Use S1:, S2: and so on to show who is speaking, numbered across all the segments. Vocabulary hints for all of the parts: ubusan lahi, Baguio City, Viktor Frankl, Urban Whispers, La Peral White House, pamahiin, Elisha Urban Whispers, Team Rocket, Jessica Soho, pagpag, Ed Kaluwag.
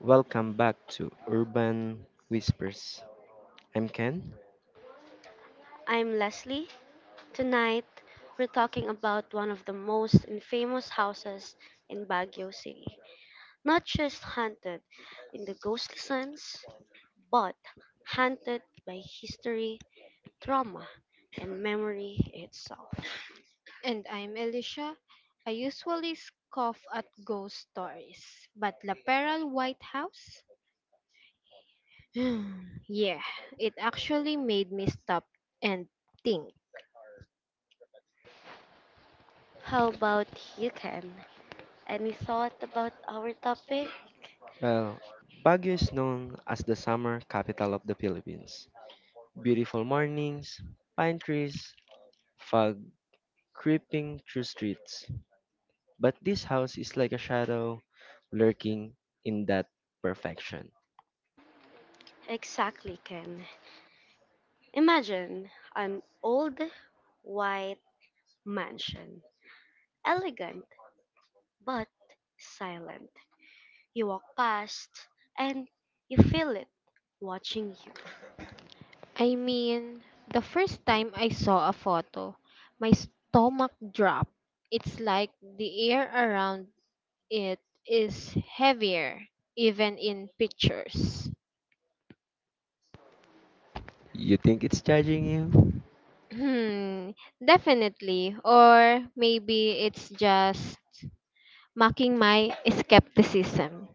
S1: Welcome back to Urban Whispers. I'm Ken.
S2: I'm Leslie. Tonight, we're talking about one of the most infamous houses in Baguio City. Not just haunted in the ghostly sense, but haunted by history, trauma, and memory itself.
S3: And I'm Alicia. I usually scoff at ghost stories, but La Peral White House? Yeah, it actually made me stop and think.
S2: How about you, Ken? Any thought about our topic?
S1: Well, Baguio is known as the summer capital of the Philippines. Beautiful mornings, pine trees, fog creeping through streets. But this house is like a shadow lurking in that perfection.
S2: Exactly, Ken. Imagine an old white mansion, elegant but silent. You walk past and you feel it watching you.
S3: I mean, the first time I saw a photo, my stomach dropped. It's like the air around it is heavier, even in pictures.
S1: You think it's judging you?
S3: Hmm, definitely. Or maybe it's just mocking my skepticism.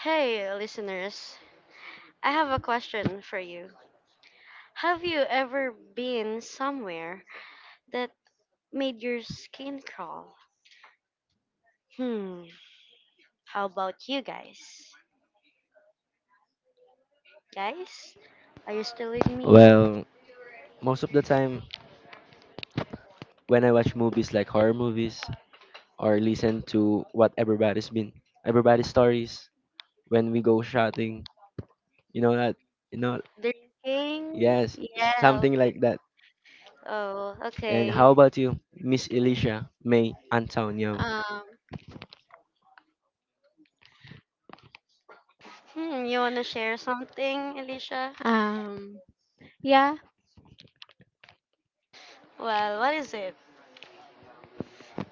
S2: Hey, listeners, I have a question for you. Have you ever been somewhere that made your skin crawl? Hmm, how about you guys? Guys, are you still with me?
S1: Well, most of the time when I watch movies like horror movies, or listen to what everybody's stories when we go shouting. You know that you know
S2: The king?
S1: Yes,
S2: Yeah.
S1: something like that.
S2: Oh,
S1: And
S2: okay.
S1: how about you, Miss Alicia May Antonio?
S3: Um,
S2: You want to share something, Alicia?
S3: um, yeah.
S2: Well, what is it?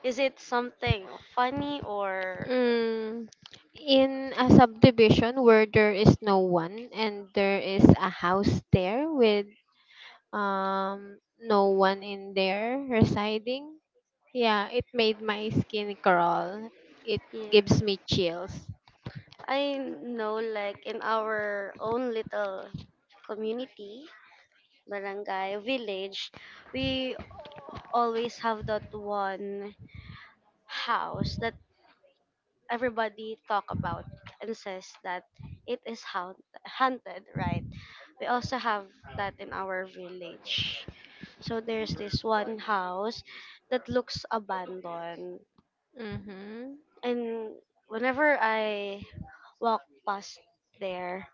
S2: Is it something funny or.
S3: Mm, in a subdivision where there is no one and there is a house there with no one in there residing. Yeah, it made my skin crawl. It
S2: Yeah.
S3: gives me chills.
S2: I know, like in our own little community, barangay, village, we always have that one house that everybody talk about and says that it is haunted, right? We also have that in our village. So there's this one house that looks abandoned.
S3: Mm-hmm.
S2: And whenever I walk past there,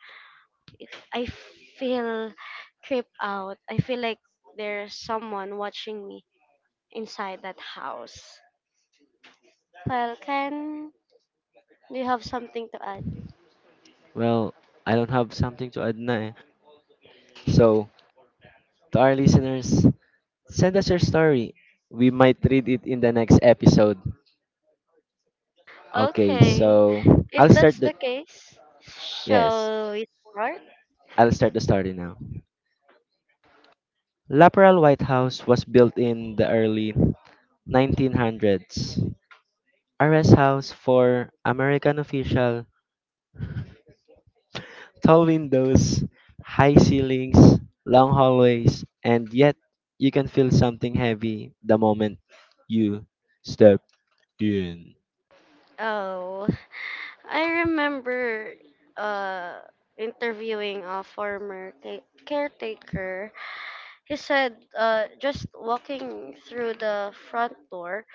S2: I feel creeped out. I feel like there's someone watching me inside that house. Well, Ken, do you have something to add?
S1: Well, I don't have something to add na. Eh. So to our listeners, send us your story. We might read it in the next episode. Okay,
S2: Okay,
S1: so I'll start
S2: it's
S1: the
S2: the case.
S1: yes,
S2: Shall we start?
S1: I'll start the story now. Laperal White House was built in the early 1900s. A rest house for American official, tall windows, high ceilings, long hallways, and yet you can feel something heavy the moment you step in.
S2: Oh, I remember uh, interviewing a former caretaker. He said just walking through the front door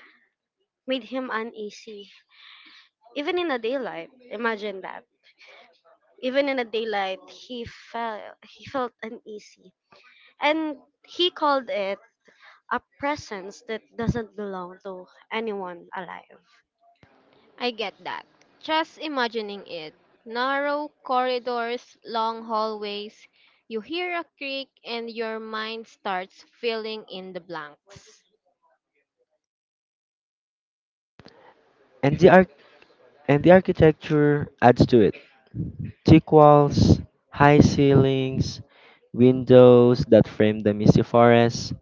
S2: made him uneasy, even in the daylight. Imagine that. Even in the daylight, he felt uneasy, and he called it a presence that doesn't belong to anyone alive.
S3: I get that. Just imagining it. Narrow corridors, long hallways, you hear a creak and your mind starts filling in the blanks.
S1: And the arch- and the architecture adds to it. Thick walls, high ceilings, windows that frame the misty forest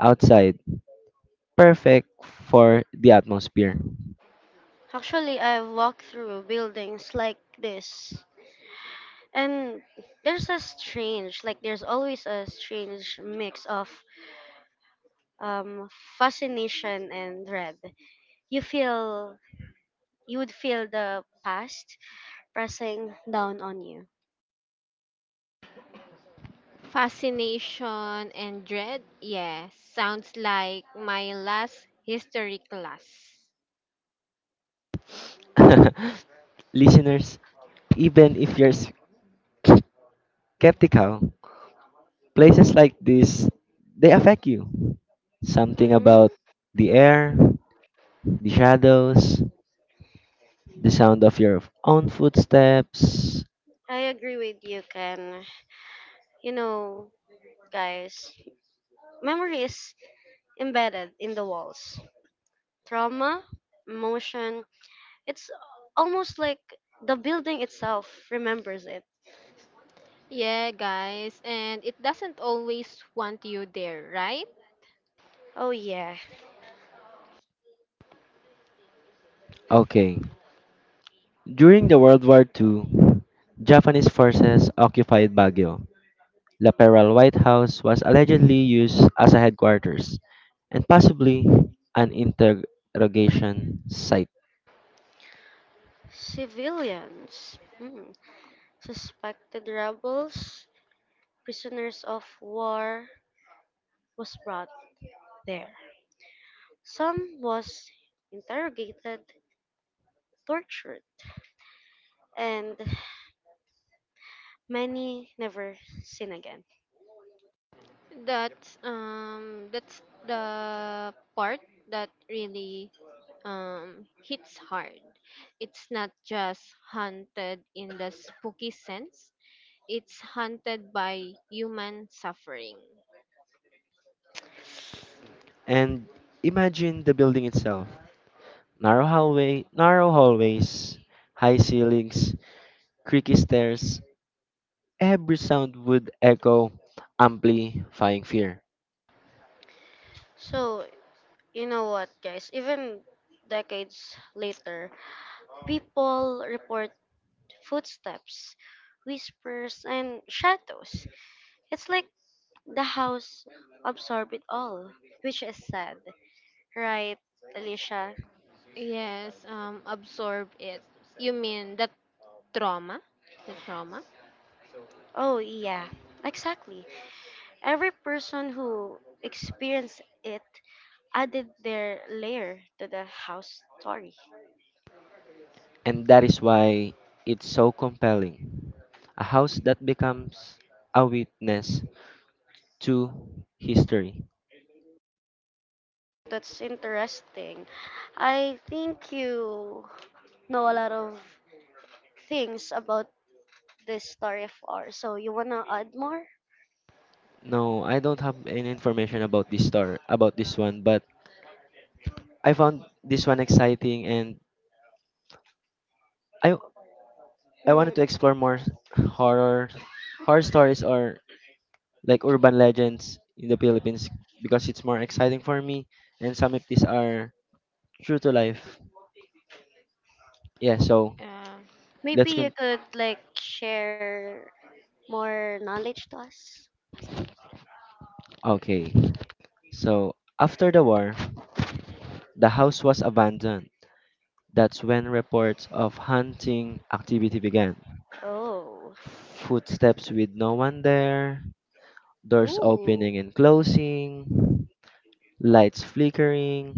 S1: outside. Perfect for the atmosphere.
S2: Actually, I've walked through buildings like this, and there's always a strange mix of um, fascination and dread. You feel you would feel the past pressing down on you.
S3: Fascination and dread? Yeah, sounds like my last history class.
S1: Listeners, even if you're skeptical, places like this, they affect you. Something
S2: hmm
S1: about the air, the shadows, the sound of your own footsteps.
S2: I agree with you, Ken. You know, guys. Memory is embedded in the walls. Trauma, emotion, it's almost like the building itself remembers it.
S3: Yeah, guys, and it doesn't always want you there, right?
S2: Oh, yeah.
S1: Okay. During the World War II, Japanese forces occupied Baguio. La Peral White House was allegedly used as a headquarters and possibly an interrogation site.
S2: Civilians, suspected rebels, prisoners of war was brought there. Some was interrogated, tortured, and many never seen again.
S3: That's the part that really hits hard. It's not just haunted in the spooky sense. It's haunted by human suffering.
S1: And imagine the building itself. Narrow hallways, high ceilings, creaky stairs, every sound would echo, amplifying fear.
S2: So, you know what, guys? Even decades later, people report footsteps, whispers, and shadows. It's like the house absorbed it all, which is sad, right, Alicia?
S3: Yes, absorb it. You mean that trauma? The trauma?
S2: Oh, yeah, exactly. Every person who experienced it added their layer to the house story.
S1: And that is why it's so compelling. A house that becomes a witness to history.
S2: That's interesting. I think you know a lot of things about this story of ours. So you wanna add more?
S1: No, I don't have any information about this star about this one, but I found this one exciting and I I wanted to explore
S2: Hmm.
S1: more horror horror stories or like urban legends in the Philippines because it's more exciting for me and some of these are true to life. Yeah, so
S3: Uh,
S2: Maybe
S1: let's
S2: you
S1: con
S2: could like share more knowledge to us.
S1: okay. So after the war, the house was abandoned. That's when reports of hunting activity began.
S2: Oh.
S1: Footsteps with no one there, doors
S3: ooh.
S1: opening and closing, lights flickering,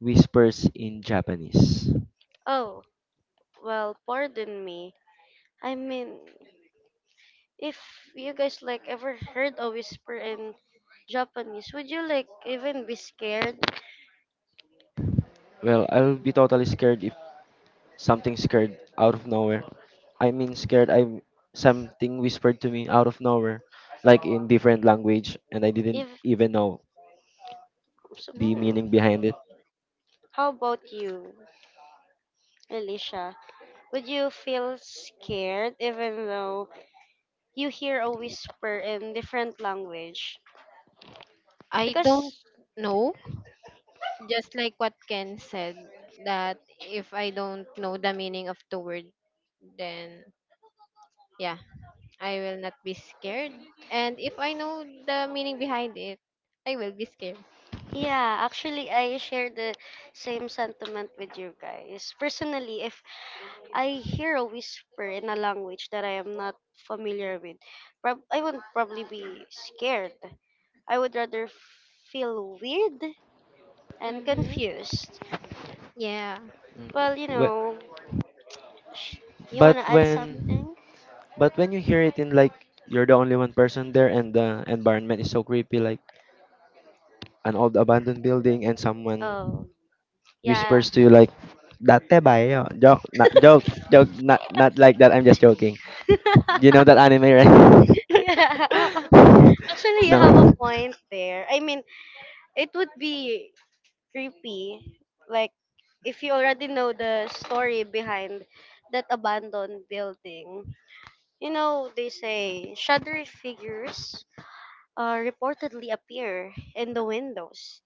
S1: whispers in Japanese.
S2: Oh, well, pardon me. I mean, if you guys like ever heard a whisper in Japanese, would you like even be scared?
S1: Well, I'll be totally scared if Something scared out of nowhere. I mean scared I something whispered to me out of nowhere, like in different language and I didn't
S2: If
S1: even know
S2: so,
S1: the
S3: Mhm.
S1: meaning behind it.
S2: how about you, Alicia? Would you feel scared even though you hear a whisper in different language?
S3: I don't
S2: Because
S3: know, just like what Ken said, that if I don't know the meaning of the word, then yeah, I will not be scared. And if I know the meaning behind it, I will be scared.
S2: yeah, actually, I share the same sentiment with you guys. Personally, if I hear a whisper in a language that I am not familiar with, I would probably be scared. I would rather feel weird and
S3: Mm-hmm.
S2: confused.
S3: Yeah.
S1: Mm,
S2: Well, you
S1: wh-
S2: know, sh- you
S1: But
S2: want to add
S1: when
S2: something?
S1: but when you hear it in like you're the only one person there and the environment is so creepy like an old abandoned building and someone
S2: Oh,
S3: Yeah.
S1: whispers
S2: yes,
S1: to you
S2: yeah.
S1: like date ba yo joke not joke joke not not like that I'm just joking. You know that anime, right?
S2: Yeah. Actually, you have a
S1: No.
S2: point there. I mean, it would be creepy. Like, if you already know the story behind that abandoned building, you know, they say shadowy figures reportedly appear in the windows.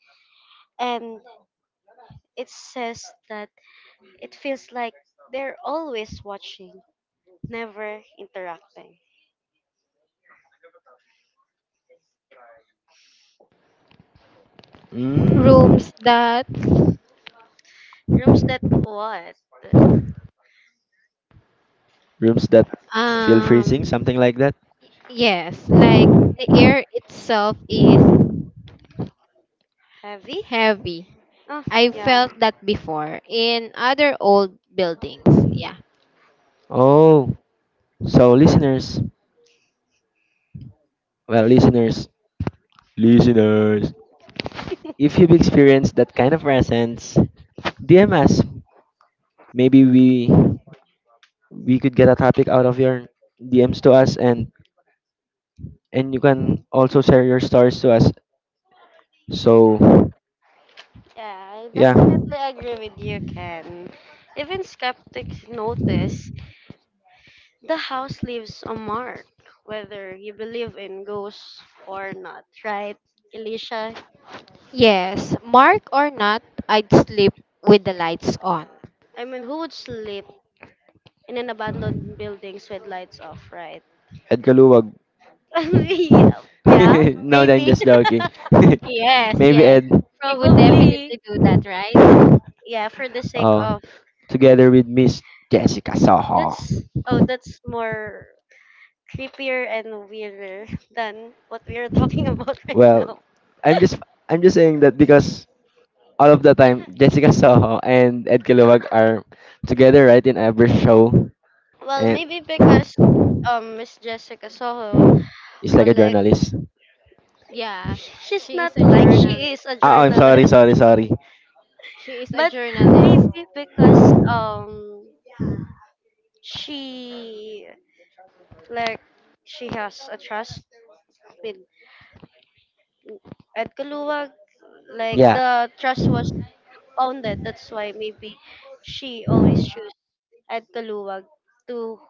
S2: And it says that it feels like they're always watching, never interacting.
S1: Mm,
S3: Rooms that,
S2: Rooms that what?
S1: rooms that feel freezing,
S3: um,
S1: something like that.
S3: yes, like the air itself is
S2: Heavy?
S3: heavy.
S2: Oh,
S3: I
S2: yeah.
S3: felt that before in other old buildings. Yeah.
S1: Oh, so well, listeners, listeners, if you've experienced that kind of presence, DM us. Maybe we could get a topic out of your DMs to us, and you can also share your stories to us. So
S2: Yeah, I
S1: yeah.
S2: definitely agree with you, Ken. Even skeptics notice the house leaves a mark, whether you believe in ghosts or not, right, Alicia?
S3: Yes, Mark or not, I'd sleep with the lights on.
S2: I mean, who would sleep in an abandoned buildings with lights off, right?
S1: Ed Kaluwag.
S2: yeah,
S1: No, I'm
S2: maybe,
S1: just joking.
S3: Yes,
S1: Maybe
S3: yes.
S1: Ed.
S3: She would
S2: probably.
S3: definitely do that, right?
S2: Yeah, for the sake
S1: Oh,
S2: of
S1: together with Miss Jessica Soho.
S2: that's oh, that's more creepier and weirder than what we are talking about right
S1: Well,
S2: now.
S1: I'm just I'm just saying that because all of the time Jessica Soho and Ed Kaluwag are together, right, in every show,
S2: Well,
S1: and
S2: maybe because Miss Jessica Soho,
S1: it's like a
S2: like
S1: journalist.
S3: Yeah.
S2: she's
S3: She is
S2: not
S3: a
S2: like she
S3: journalist.
S2: is a
S1: Ah, oh, I'm sorry,
S2: journalist.
S1: sorry, sorry.
S3: She is a
S2: But
S3: journalist.
S2: maybe because she like she has a trust with Ed Kaluwag, like
S1: Yeah.
S2: the trust was founded. That's why maybe she always choose Ed Kaluwag to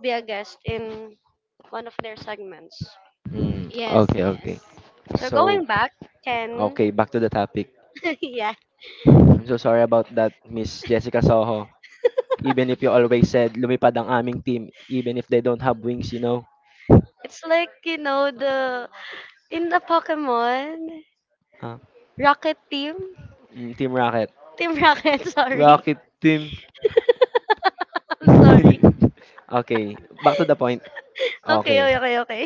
S2: be a guest in one of their segments.
S1: Mm,
S3: Yes,
S1: okay,
S3: yes.
S1: okay.
S2: So
S1: So,
S2: going back, Ken,
S1: okay, back to the topic.
S2: yeah,
S1: I'm so sorry about that, Miss Jessica Soho. Even if you always said lumipad ang aming team, even if they don't have wings, you know.
S2: it's like you know the in the Pokemon
S1: Ah,
S2: Rocket Team,
S1: Team Rocket.
S2: Team Rocket, sorry.
S1: Rocket team.
S2: I'm sorry.
S1: Okay, back to the point.
S2: Okay,
S1: Okay.
S2: okay, okay, okay.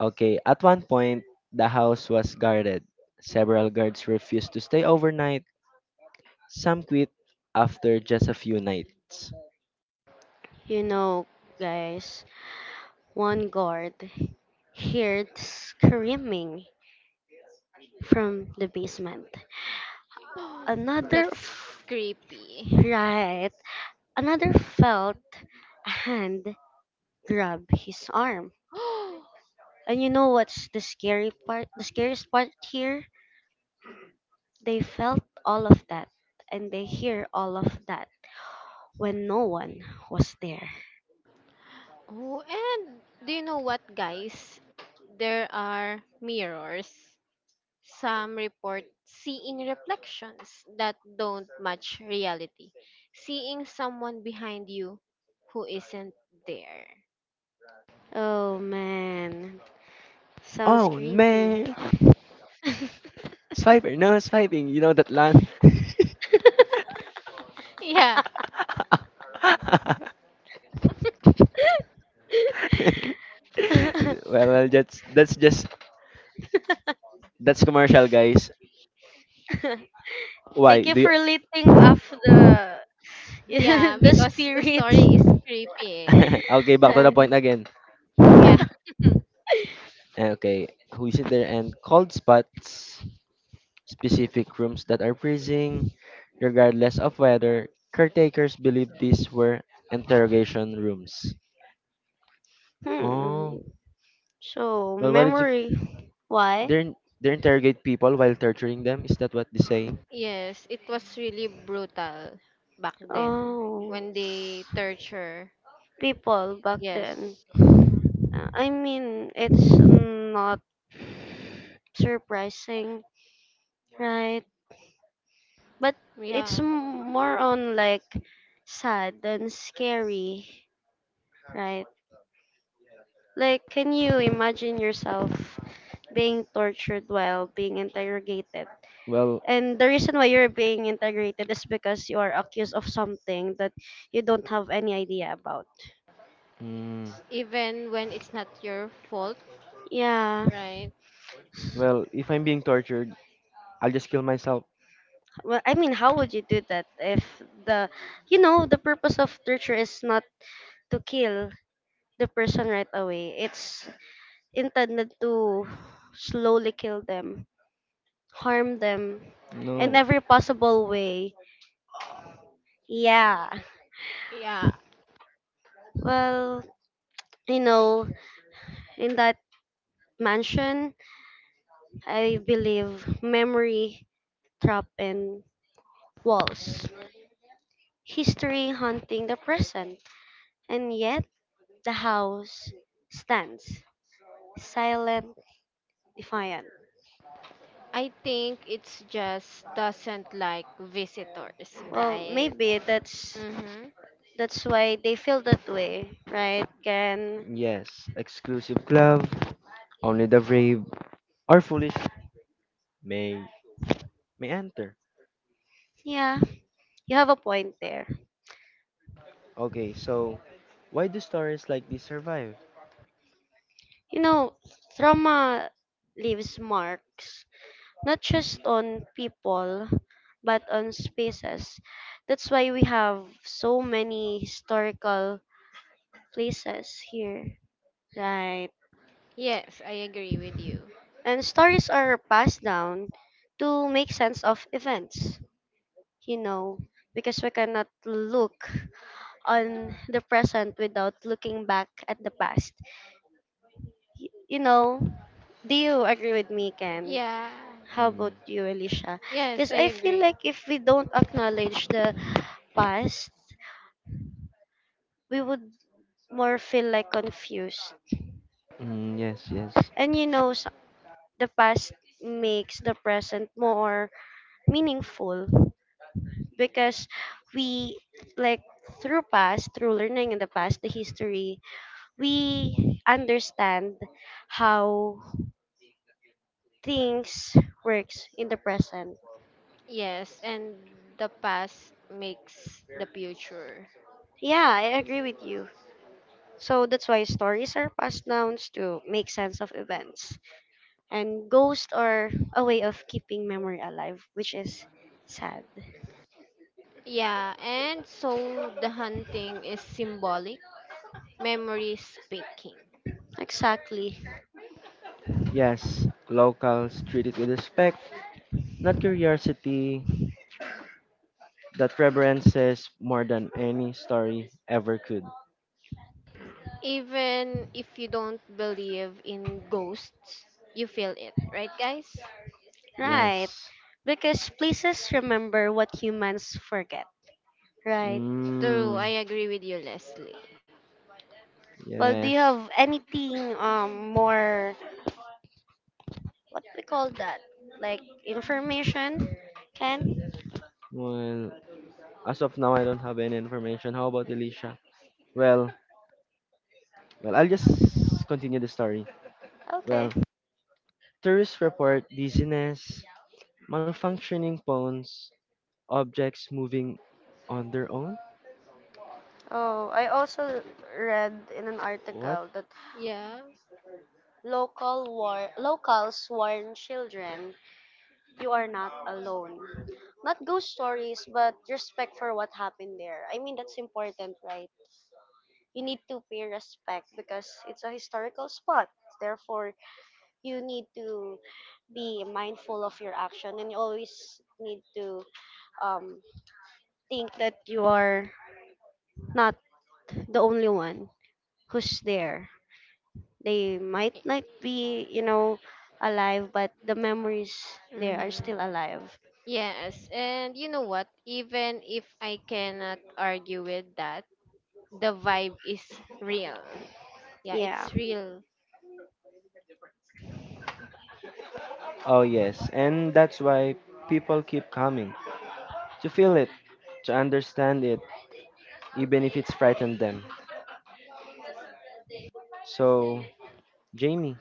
S1: Okay, at one point, the house was guarded. Several guards refused to stay overnight. Some quit after just a few nights.
S2: You know, guys, one guard heard screaming from the basement. Another,
S3: That's creepy.
S2: right, another felt a hand grab his arm. And you know what's the scary part? The scariest part here? They felt all of that and they hear all of that when no one was there.
S3: Oh, and do you know what, guys? There are mirrors. Some report seeing reflections that don't match reality, seeing someone behind you who isn't there.
S2: Oh man, sounds
S1: Oh
S2: creepy.
S1: man, swiping, no swiping. You know that line.
S3: Yeah,
S1: That's just that's commercial, guys. Why
S2: Thank you
S1: do
S2: for lifting
S1: you?
S2: off the
S3: yeah,
S2: the
S3: because the
S2: spirit.
S3: story is creepy,
S1: Okay,
S3: eh,
S1: back to the
S3: right?
S2: hmm.
S1: point again.
S3: Yeah.
S1: Eh, okay, who is in there and cold spots, specific rooms that are freezing, regardless of weather. Caretakers believe these were interrogation rooms. Oh,
S2: So
S1: well, what if
S2: memory. Why?
S1: they are they interrogate people while torturing them? Is that what they say?
S3: Yes, it was really brutal back then
S2: Oh,
S3: when they torture.
S2: people back then.
S3: Yes.
S2: I mean, it's not surprising, right? But it's
S3: Yeah.
S2: more on like sad and scary, right? Like, can you imagine yourself being tortured while being interrogated?
S1: Well,
S2: And the reason why you're being interrogated is because you are accused of something that you don't have any idea about.
S1: mm,
S3: Even when it's not your fault,
S2: Yeah.
S3: right?
S1: if I'm being tortured, I'll just kill myself.
S2: Well, I mean, how would you do that if the, you know, the purpose of torture is not to kill the person right away. It's intended to slowly kill them, harm them in
S1: No.
S2: every possible way. Yeah.
S3: Yeah,
S2: Well, you know, in that mansion, I believe memory trapped in walls, history haunting the present, and yet the house stands silent, defiant.
S3: I think it's just doesn't like visitors,
S2: Well,
S3: right?
S2: maybe
S3: Mm-hmm.
S2: that's why they feel that way, right? Can
S1: Yes, exclusive club. Only the brave or foolish may may enter.
S2: yeah, you have a point there.
S1: Okay, so why do stories like this survive?
S2: You know, trauma leaves marks not just on people, but on spaces. That's why we have so many historical places here. Right.
S3: Yes, I agree with you.
S2: And stories are passed down to make sense of events, you know, because we cannot look on the present without looking back at the past. You know, do you agree with me, Ken?
S3: Yeah.
S2: How
S1: Mm,
S2: about you, Alicia?
S3: Yes,
S2: Because
S3: I
S2: I feel
S3: agree.
S2: like if we don't acknowledge the past, we would more feel like confused.
S1: mm, yes, yes,
S2: And you know, the past makes the present more meaningful because we like through past, through learning in the past, the history, we understand how things works in the present.
S3: Yes, and the past makes the future.
S2: Yeah, I agree with you. So that's why stories are passed down to make sense of events. And ghosts are a way of keeping memory alive, which is sad.
S3: Yeah, and so the hunting is symbolic, memory speaking.
S2: Exactly.
S1: yes. Locals treat it with respect, not curiosity. That reverence says more than any story ever could.
S3: Even if you don't believe in ghosts, you feel it, right, guys?
S2: Right.
S1: Yes.
S2: Because places remember what humans forget, right?
S3: True,
S1: Mm,
S3: I agree with you, Leslie.
S2: Well, do you
S1: yes.
S2: have anything more what we call that? Like information? Ken?
S1: Well, as of now, I don't have any information. How about Alicia? Well, well, I'll just continue the story.
S2: Okay.
S1: Well, tourists report dizziness, malfunctioning phones, objects moving on their own.
S2: Oh, I also read in an
S1: What?
S2: article that
S3: Yeah.
S2: locals warn children you are not alone. Not ghost stories, but respect for what happened there. I mean that's important, right? You need to pay respect because it's a historical spot. Therefore, you need to be mindful of your action and you always need to um, think that you are not the only one who's there. They might not be, you know, alive, but the memories there are
S3: Mm-hmm.
S2: still alive.
S3: Yes, and you know what? Even if I cannot argue with that, the vibe is real. Yeah,
S2: Yeah.
S3: it's real.
S1: Oh, yes. And that's why people keep coming to feel it, to understand it, even if it's frightened them. So, Jamie,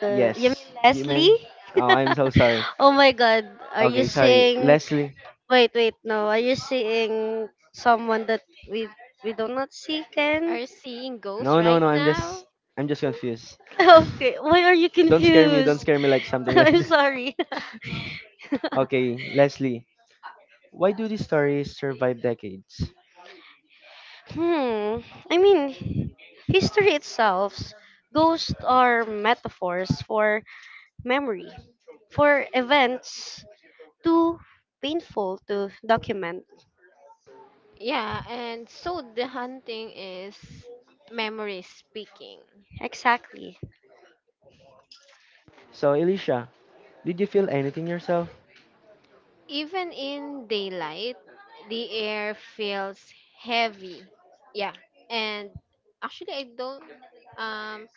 S2: You
S1: yes,
S2: mean
S1: you mean?
S2: Leslie?
S1: Oh, I'm so sorry.
S2: oh my god, are you
S1: Okay, sorry.
S2: seeing
S1: Leslie.
S2: wait, wait, no. Are you seeing someone that we we do not see, Ken?
S3: Are seeing ghosts
S1: No, no,
S3: right
S1: no.
S3: now?
S1: I'm just confused.
S2: Okay, why are you
S1: Don't scare me. Don't
S2: confused?
S1: scare me like something like
S2: I'm
S1: that.
S2: sorry.
S1: Okay, Leslie. Why do these stories survive decades?
S2: Hmm. I mean, history itself, ghosts are metaphors for memory, for events too painful to document.
S3: Yeah, and so the hunting is memory speaking.
S2: Exactly.
S1: So, Elisha, did you feel anything yourself?
S3: Even in daylight, the air feels heavy. Yeah, and actually, I don't. Um,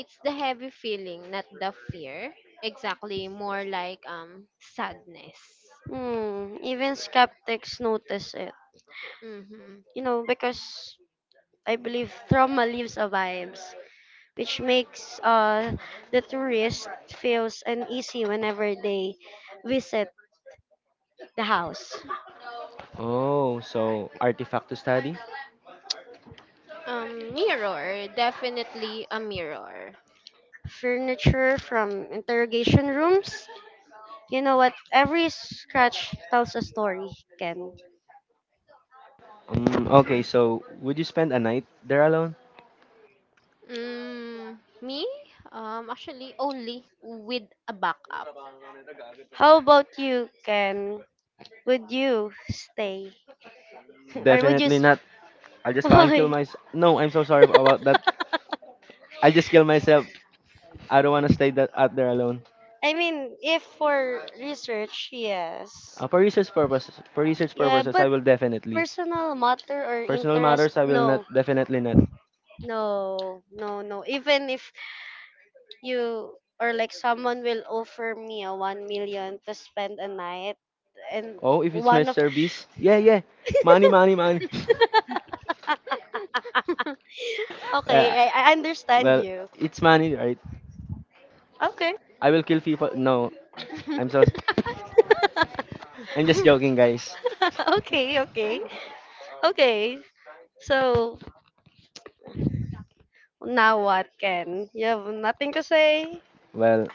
S3: it's the heavy feeling, not the fear. Exactly, more like sadness.
S2: Hmm, even skeptics notice it.
S3: Mm-hmm.
S2: You know, because I believe trauma leaves a vibes, which makes the tourist feels uneasy whenever they visit the house.
S1: Oh, so artifact to study?
S3: Mirror, definitely a mirror.
S2: Furniture from interrogation rooms. You know what? Every scratch tells a story, Ken.
S1: Okay, so would you spend a night there alone?
S3: Mm, Me? Actually, only with a backup.
S2: How about you, Ken? Would you stay? or would you?
S1: Definitely not. I'll just fucking kill
S2: Why?
S1: myself. No, I'm so sorry about that. I'll just kill myself. I don't want to stay that out there alone.
S2: I mean, if for research, yes.
S1: For research
S2: Yeah,
S1: purposes, I
S2: but
S1: will definitely.
S2: personal matter or
S1: Personal
S2: interest,
S1: matters, I will not.
S2: no,
S1: Definitely not.
S2: no, no, no. Even if you or like someone will offer me a 1 million to spend a night, and
S1: Oh, if it's my
S2: one of
S1: service, yeah, yeah. Money, money, money. well,
S2: okay, I understand
S1: well,
S2: you.
S1: it's money, right?
S2: Okay,
S1: I will kill people. No, I'm so I'm just joking, guys.
S2: okay, okay, okay. So now what, Ken? You have nothing to say?
S1: Well,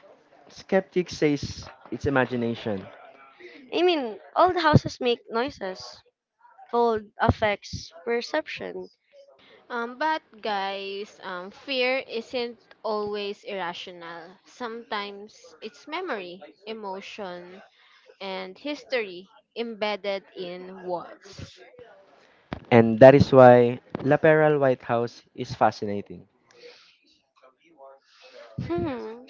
S1: skeptics says it's imagination,
S2: I mean, all the houses make noises. Cold affects perception.
S3: But guys, fear isn't always irrational. Sometimes it's memory, emotion, and history embedded in walls.
S1: and that is why Laperal White House is fascinating.
S2: Hmm.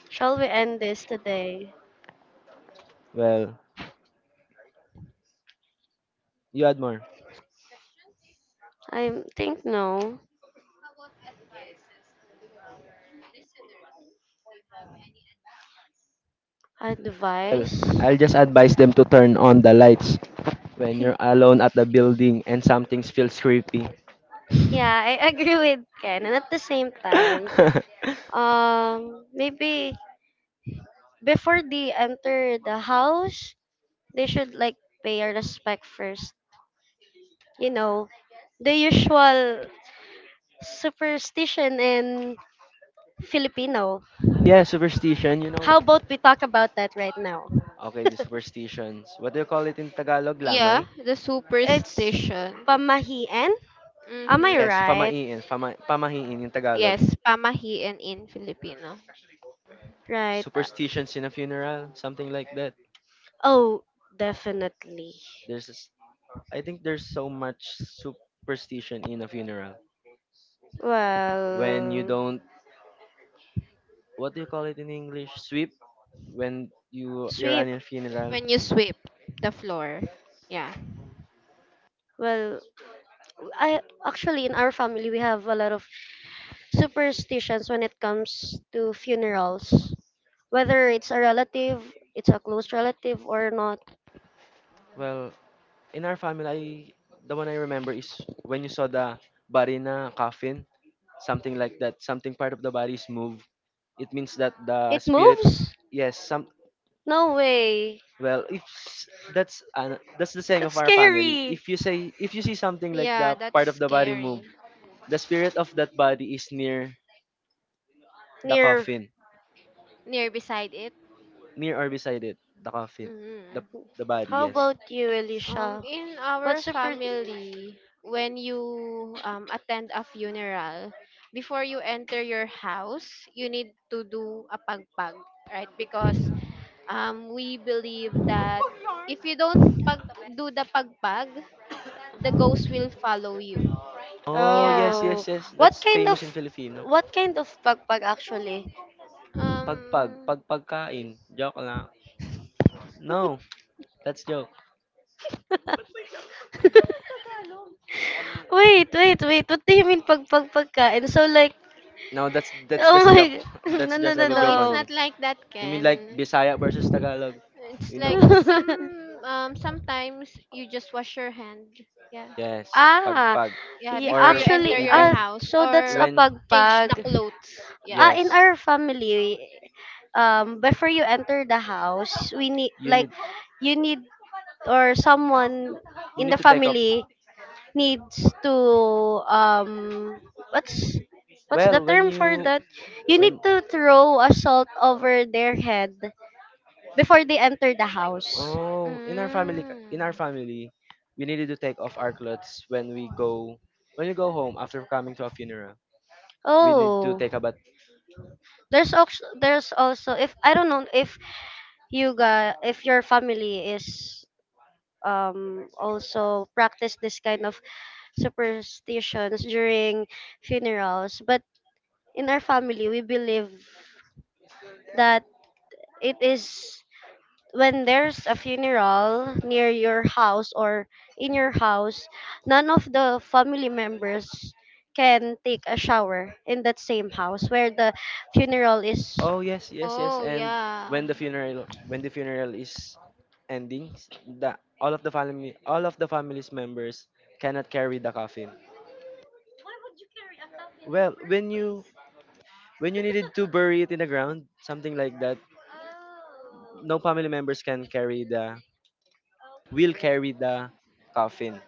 S2: Shall we end this today?
S1: Well, you add more.
S2: I think no.
S1: Well,
S2: Advice?
S1: I'll just advise them to turn on the lights when you're alone at the building and something feels creepy.
S2: yeah, I agree with Ken. And at the same time, maybe before they enter the house, they should like pay our respect first. You know, the usual superstition in Filipino.
S1: Yeah, superstition, you know.
S2: How about we talk about that right now?
S1: Okay, the superstitions. What do you call it in Tagalog?
S3: Yeah,
S1: Lamay?
S3: the
S2: It's
S3: superstition.
S2: pamahiin. Am I
S1: Yes,
S3: Mm-hmm.
S2: right?
S1: pamahiin. Pamahiin in Tagalog.
S3: Yes, pamahiin in Filipino.
S2: Right.
S1: Superstitions in a funeral, something like that.
S2: Oh, definitely.
S1: There's, a s- I think there's so much superstition in a funeral when you
S2: Well,
S1: don't. What do you call it in English? Sweep when you're
S2: sweep.
S1: on a funeral.
S3: When you sweep the floor. Yeah.
S2: Well, I actually in our family we have a lot of superstitions when it comes to funerals, whether it's a relative, it's a close relative or not.
S1: Well, in our family, the one I remember is when you saw the body in a coffin, something like that. Something part of the body is moved. It means that the
S2: It
S1: spirit,
S2: moves?
S1: yes, some.
S2: No way.
S1: Well, if s- That's an, that's the saying
S2: That's
S1: of our family.
S2: scary.
S1: If you say if you see something like
S3: Yeah,
S1: the
S3: that's
S1: part of the body move,
S3: scary.
S1: the spirit of that body is near the
S2: Near.
S1: coffin,
S3: Near beside it.
S1: near or beside it, the coffin, the
S3: Mm.
S1: the body.
S2: How
S1: Yes.
S2: about you,
S3: Um,
S2: Elisha?
S3: in our
S2: What's your
S3: family, when you attend a funeral, before you enter your house, you need to do a pagpag, right? Because we believe that if you don't pag do the pagpag, the ghost will follow you.
S1: Oh,
S3: Yeah.
S1: yes,
S2: Oh,
S1: yes, yes.
S2: what
S1: That's
S2: kind
S1: famous in
S2: of
S1: Filipino.
S2: what kind of pagpag actually?
S1: Pagpag
S3: Um.
S1: pagpagkain. Joke lang. No, that's joke.
S2: Wait, wait, wait. What do you mean pagpag pagkain? So like,
S1: No, that's
S2: oh
S1: just a
S2: my,
S1: joke. That's
S2: no, no,
S1: just a
S2: no,
S3: No,
S1: joke
S3: it's
S1: on
S2: no.
S1: me.
S3: not like that,
S1: You mean like
S3: Ken.
S1: Bisaya versus Tagalog?
S3: It's
S1: You know.
S3: like some sometimes you just wash your hand. Yeah.
S1: Yes,
S2: ah,
S1: pagpag.
S3: Yeah,
S2: yeah,
S3: before you
S1: Or
S2: actually,
S3: enter your
S2: ah,
S1: even
S3: house
S2: so that's
S3: or
S2: a
S1: when,
S3: change
S2: pagpag.
S3: the clothes. Yeah.
S2: Ah, in
S1: yes,
S2: our family, before you enter the house, we need,
S1: you
S2: like,
S1: need
S2: you need, or someone
S1: you
S2: in the
S1: need to take up.
S2: family needs to, what's, what's the
S1: Well, when
S2: term for
S1: you
S2: that? You need
S1: when
S2: to throw a salt over their head before they enter the house.
S1: oh,
S3: Mm.
S1: in our family, we needed to take off our clothes when we go home after coming to a funeral. We need to
S2: Oh,
S1: take a
S2: there's also if I don't know if you got if your family is also practice this kind of superstitions during funerals, but in our family we believe that it is when there's a funeral near your house or in your house, none of the family members can take a shower in that same house where the funeral is
S1: oh yes, yes, yes.
S3: Oh,
S1: And
S3: yeah.
S1: when the funeral is ending, s- the all of the family all of the family's members cannot carry the coffin. Well, when you needed to bury it in the ground, something like that, no family members can carry the will carry the coffin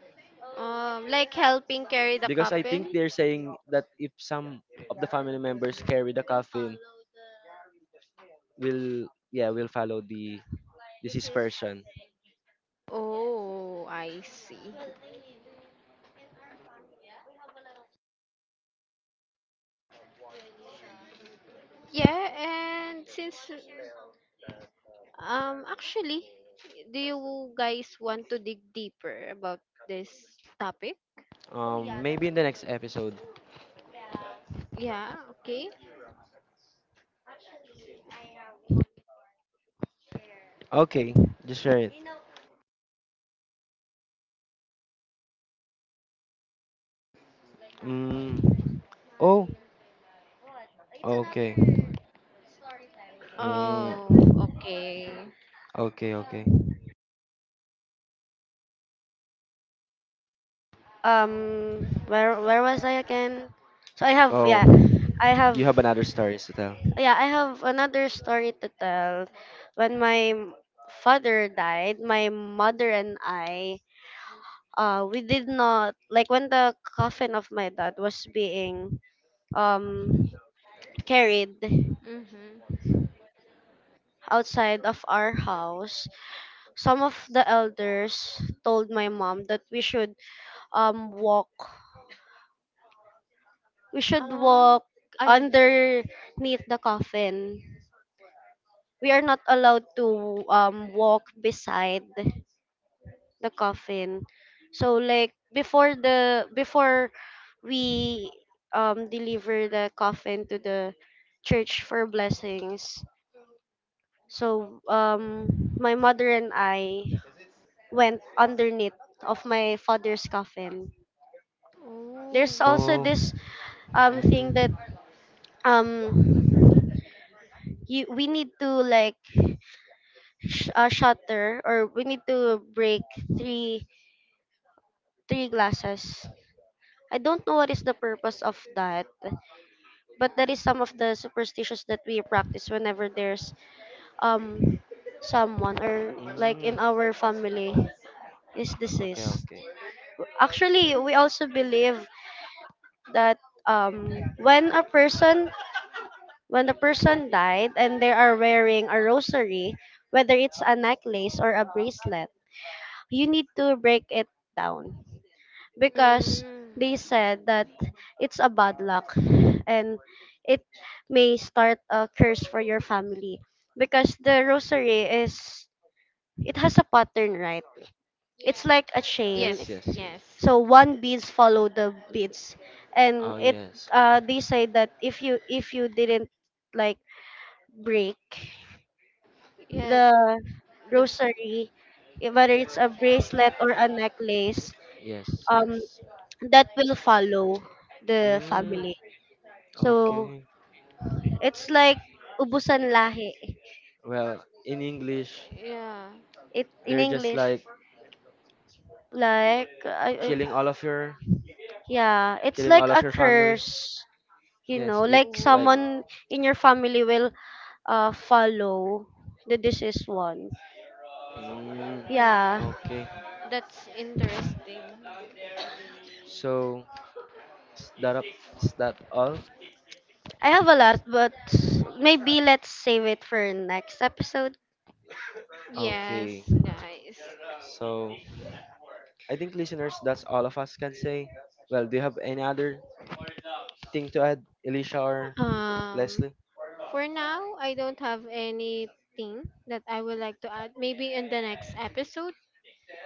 S3: Like helping carry the
S1: because I think
S3: coffin.
S1: they're saying that if some of the family members carry the coffin, we'll follow the deceased person.
S3: Oh, I see. Yeah, and since um actually, do you guys want to dig deeper about this topic?
S1: Um, maybe in the next episode.
S3: Yeah, okay.
S1: Okay, just share it. Mm, oh, okay. Mm,
S3: Oh, okay.
S1: okay, okay.
S2: um where was I again? So I have
S1: Oh,
S2: yeah, I have
S1: you have another stories to tell.
S2: yeah, I have another story to tell. When my father died, my mother and I we did not like when the coffin of my dad was being um carried
S3: Mhm.
S2: outside of our house, some of the elders told my mom that we should walk we should
S3: Ah,
S2: walk
S3: under.
S2: underneath the coffin. We are not allowed to walk beside the coffin. So like before the before we deliver the coffin to the church for blessings. So my mother and I went underneath of my father's coffin.
S3: Oh.
S2: There's also
S1: Oh,
S2: this thing that
S1: mhm,
S2: um you we need to like shatter or we need to break three three glasses. I don't know what is the purpose of that, but that is some of the superstitions that we practice whenever there's um someone or like
S1: mm,
S2: in our family is
S1: okay,
S2: deceased.
S1: okay,
S2: Actually, we also believe that when a person when the person died and they are wearing a rosary, whether it's a necklace or a bracelet, you need to break it down because
S3: Mm.
S2: they said that it's a bad luck and it may start a curse for your family because the rosary is it has a pattern, right? It's like a chain,
S1: yes,
S3: Yes,
S1: yes,
S3: yes.
S1: yes,
S2: so one beads follow the beads and
S1: oh
S2: it
S1: yes,
S2: they say that if you didn't like break
S3: Yeah,
S2: the
S3: the
S2: rosary, eh, whether it's a bracelet or a necklace,
S1: yes,
S2: um,
S1: yes.
S2: that will follow the
S1: Mm,
S2: family. So
S1: okay.
S2: it's like ubusan lahi.
S1: Well, in English,
S3: yeah.
S2: It in
S1: they're just
S2: English,
S1: like
S2: like I, I,
S1: killing all of your.
S2: yeah, it's
S1: Killing
S2: like
S1: all
S2: a
S1: of your family?
S2: curse. You
S1: Yes,
S2: know, like
S1: it's like.
S3: Oh.
S2: someone in your family will follow the deceased one.
S1: Mm,
S3: Mm.
S2: Yeah,
S1: okay.
S3: That's interesting.
S1: So, is that up? Is that all?
S2: I have a lot, but maybe let's save it for next episode.
S1: Okay.
S3: Yes, guys.
S1: So, I think listeners, that's all of us can say. Well, do you have any other thing to add, Alicia or
S3: Um,
S1: Leslie?
S3: for now, I don't have anything that I would like to add. Maybe in the next episode.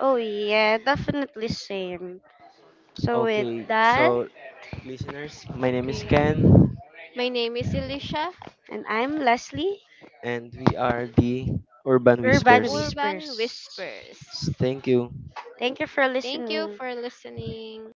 S2: Oh yeah, definitely same. So with
S1: Okay.
S2: that,
S1: So, listeners, my name is
S3: Okay.
S1: Ken,
S3: My name is Elisha.
S2: and I'm Leslie,
S1: and we are the Urban
S2: Urban
S1: Whispers.
S3: Urban
S2: Whispers.
S3: Whispers.
S1: S- Thank you.
S2: Thank you for
S3: Thank you
S2: listening.
S3: for listening.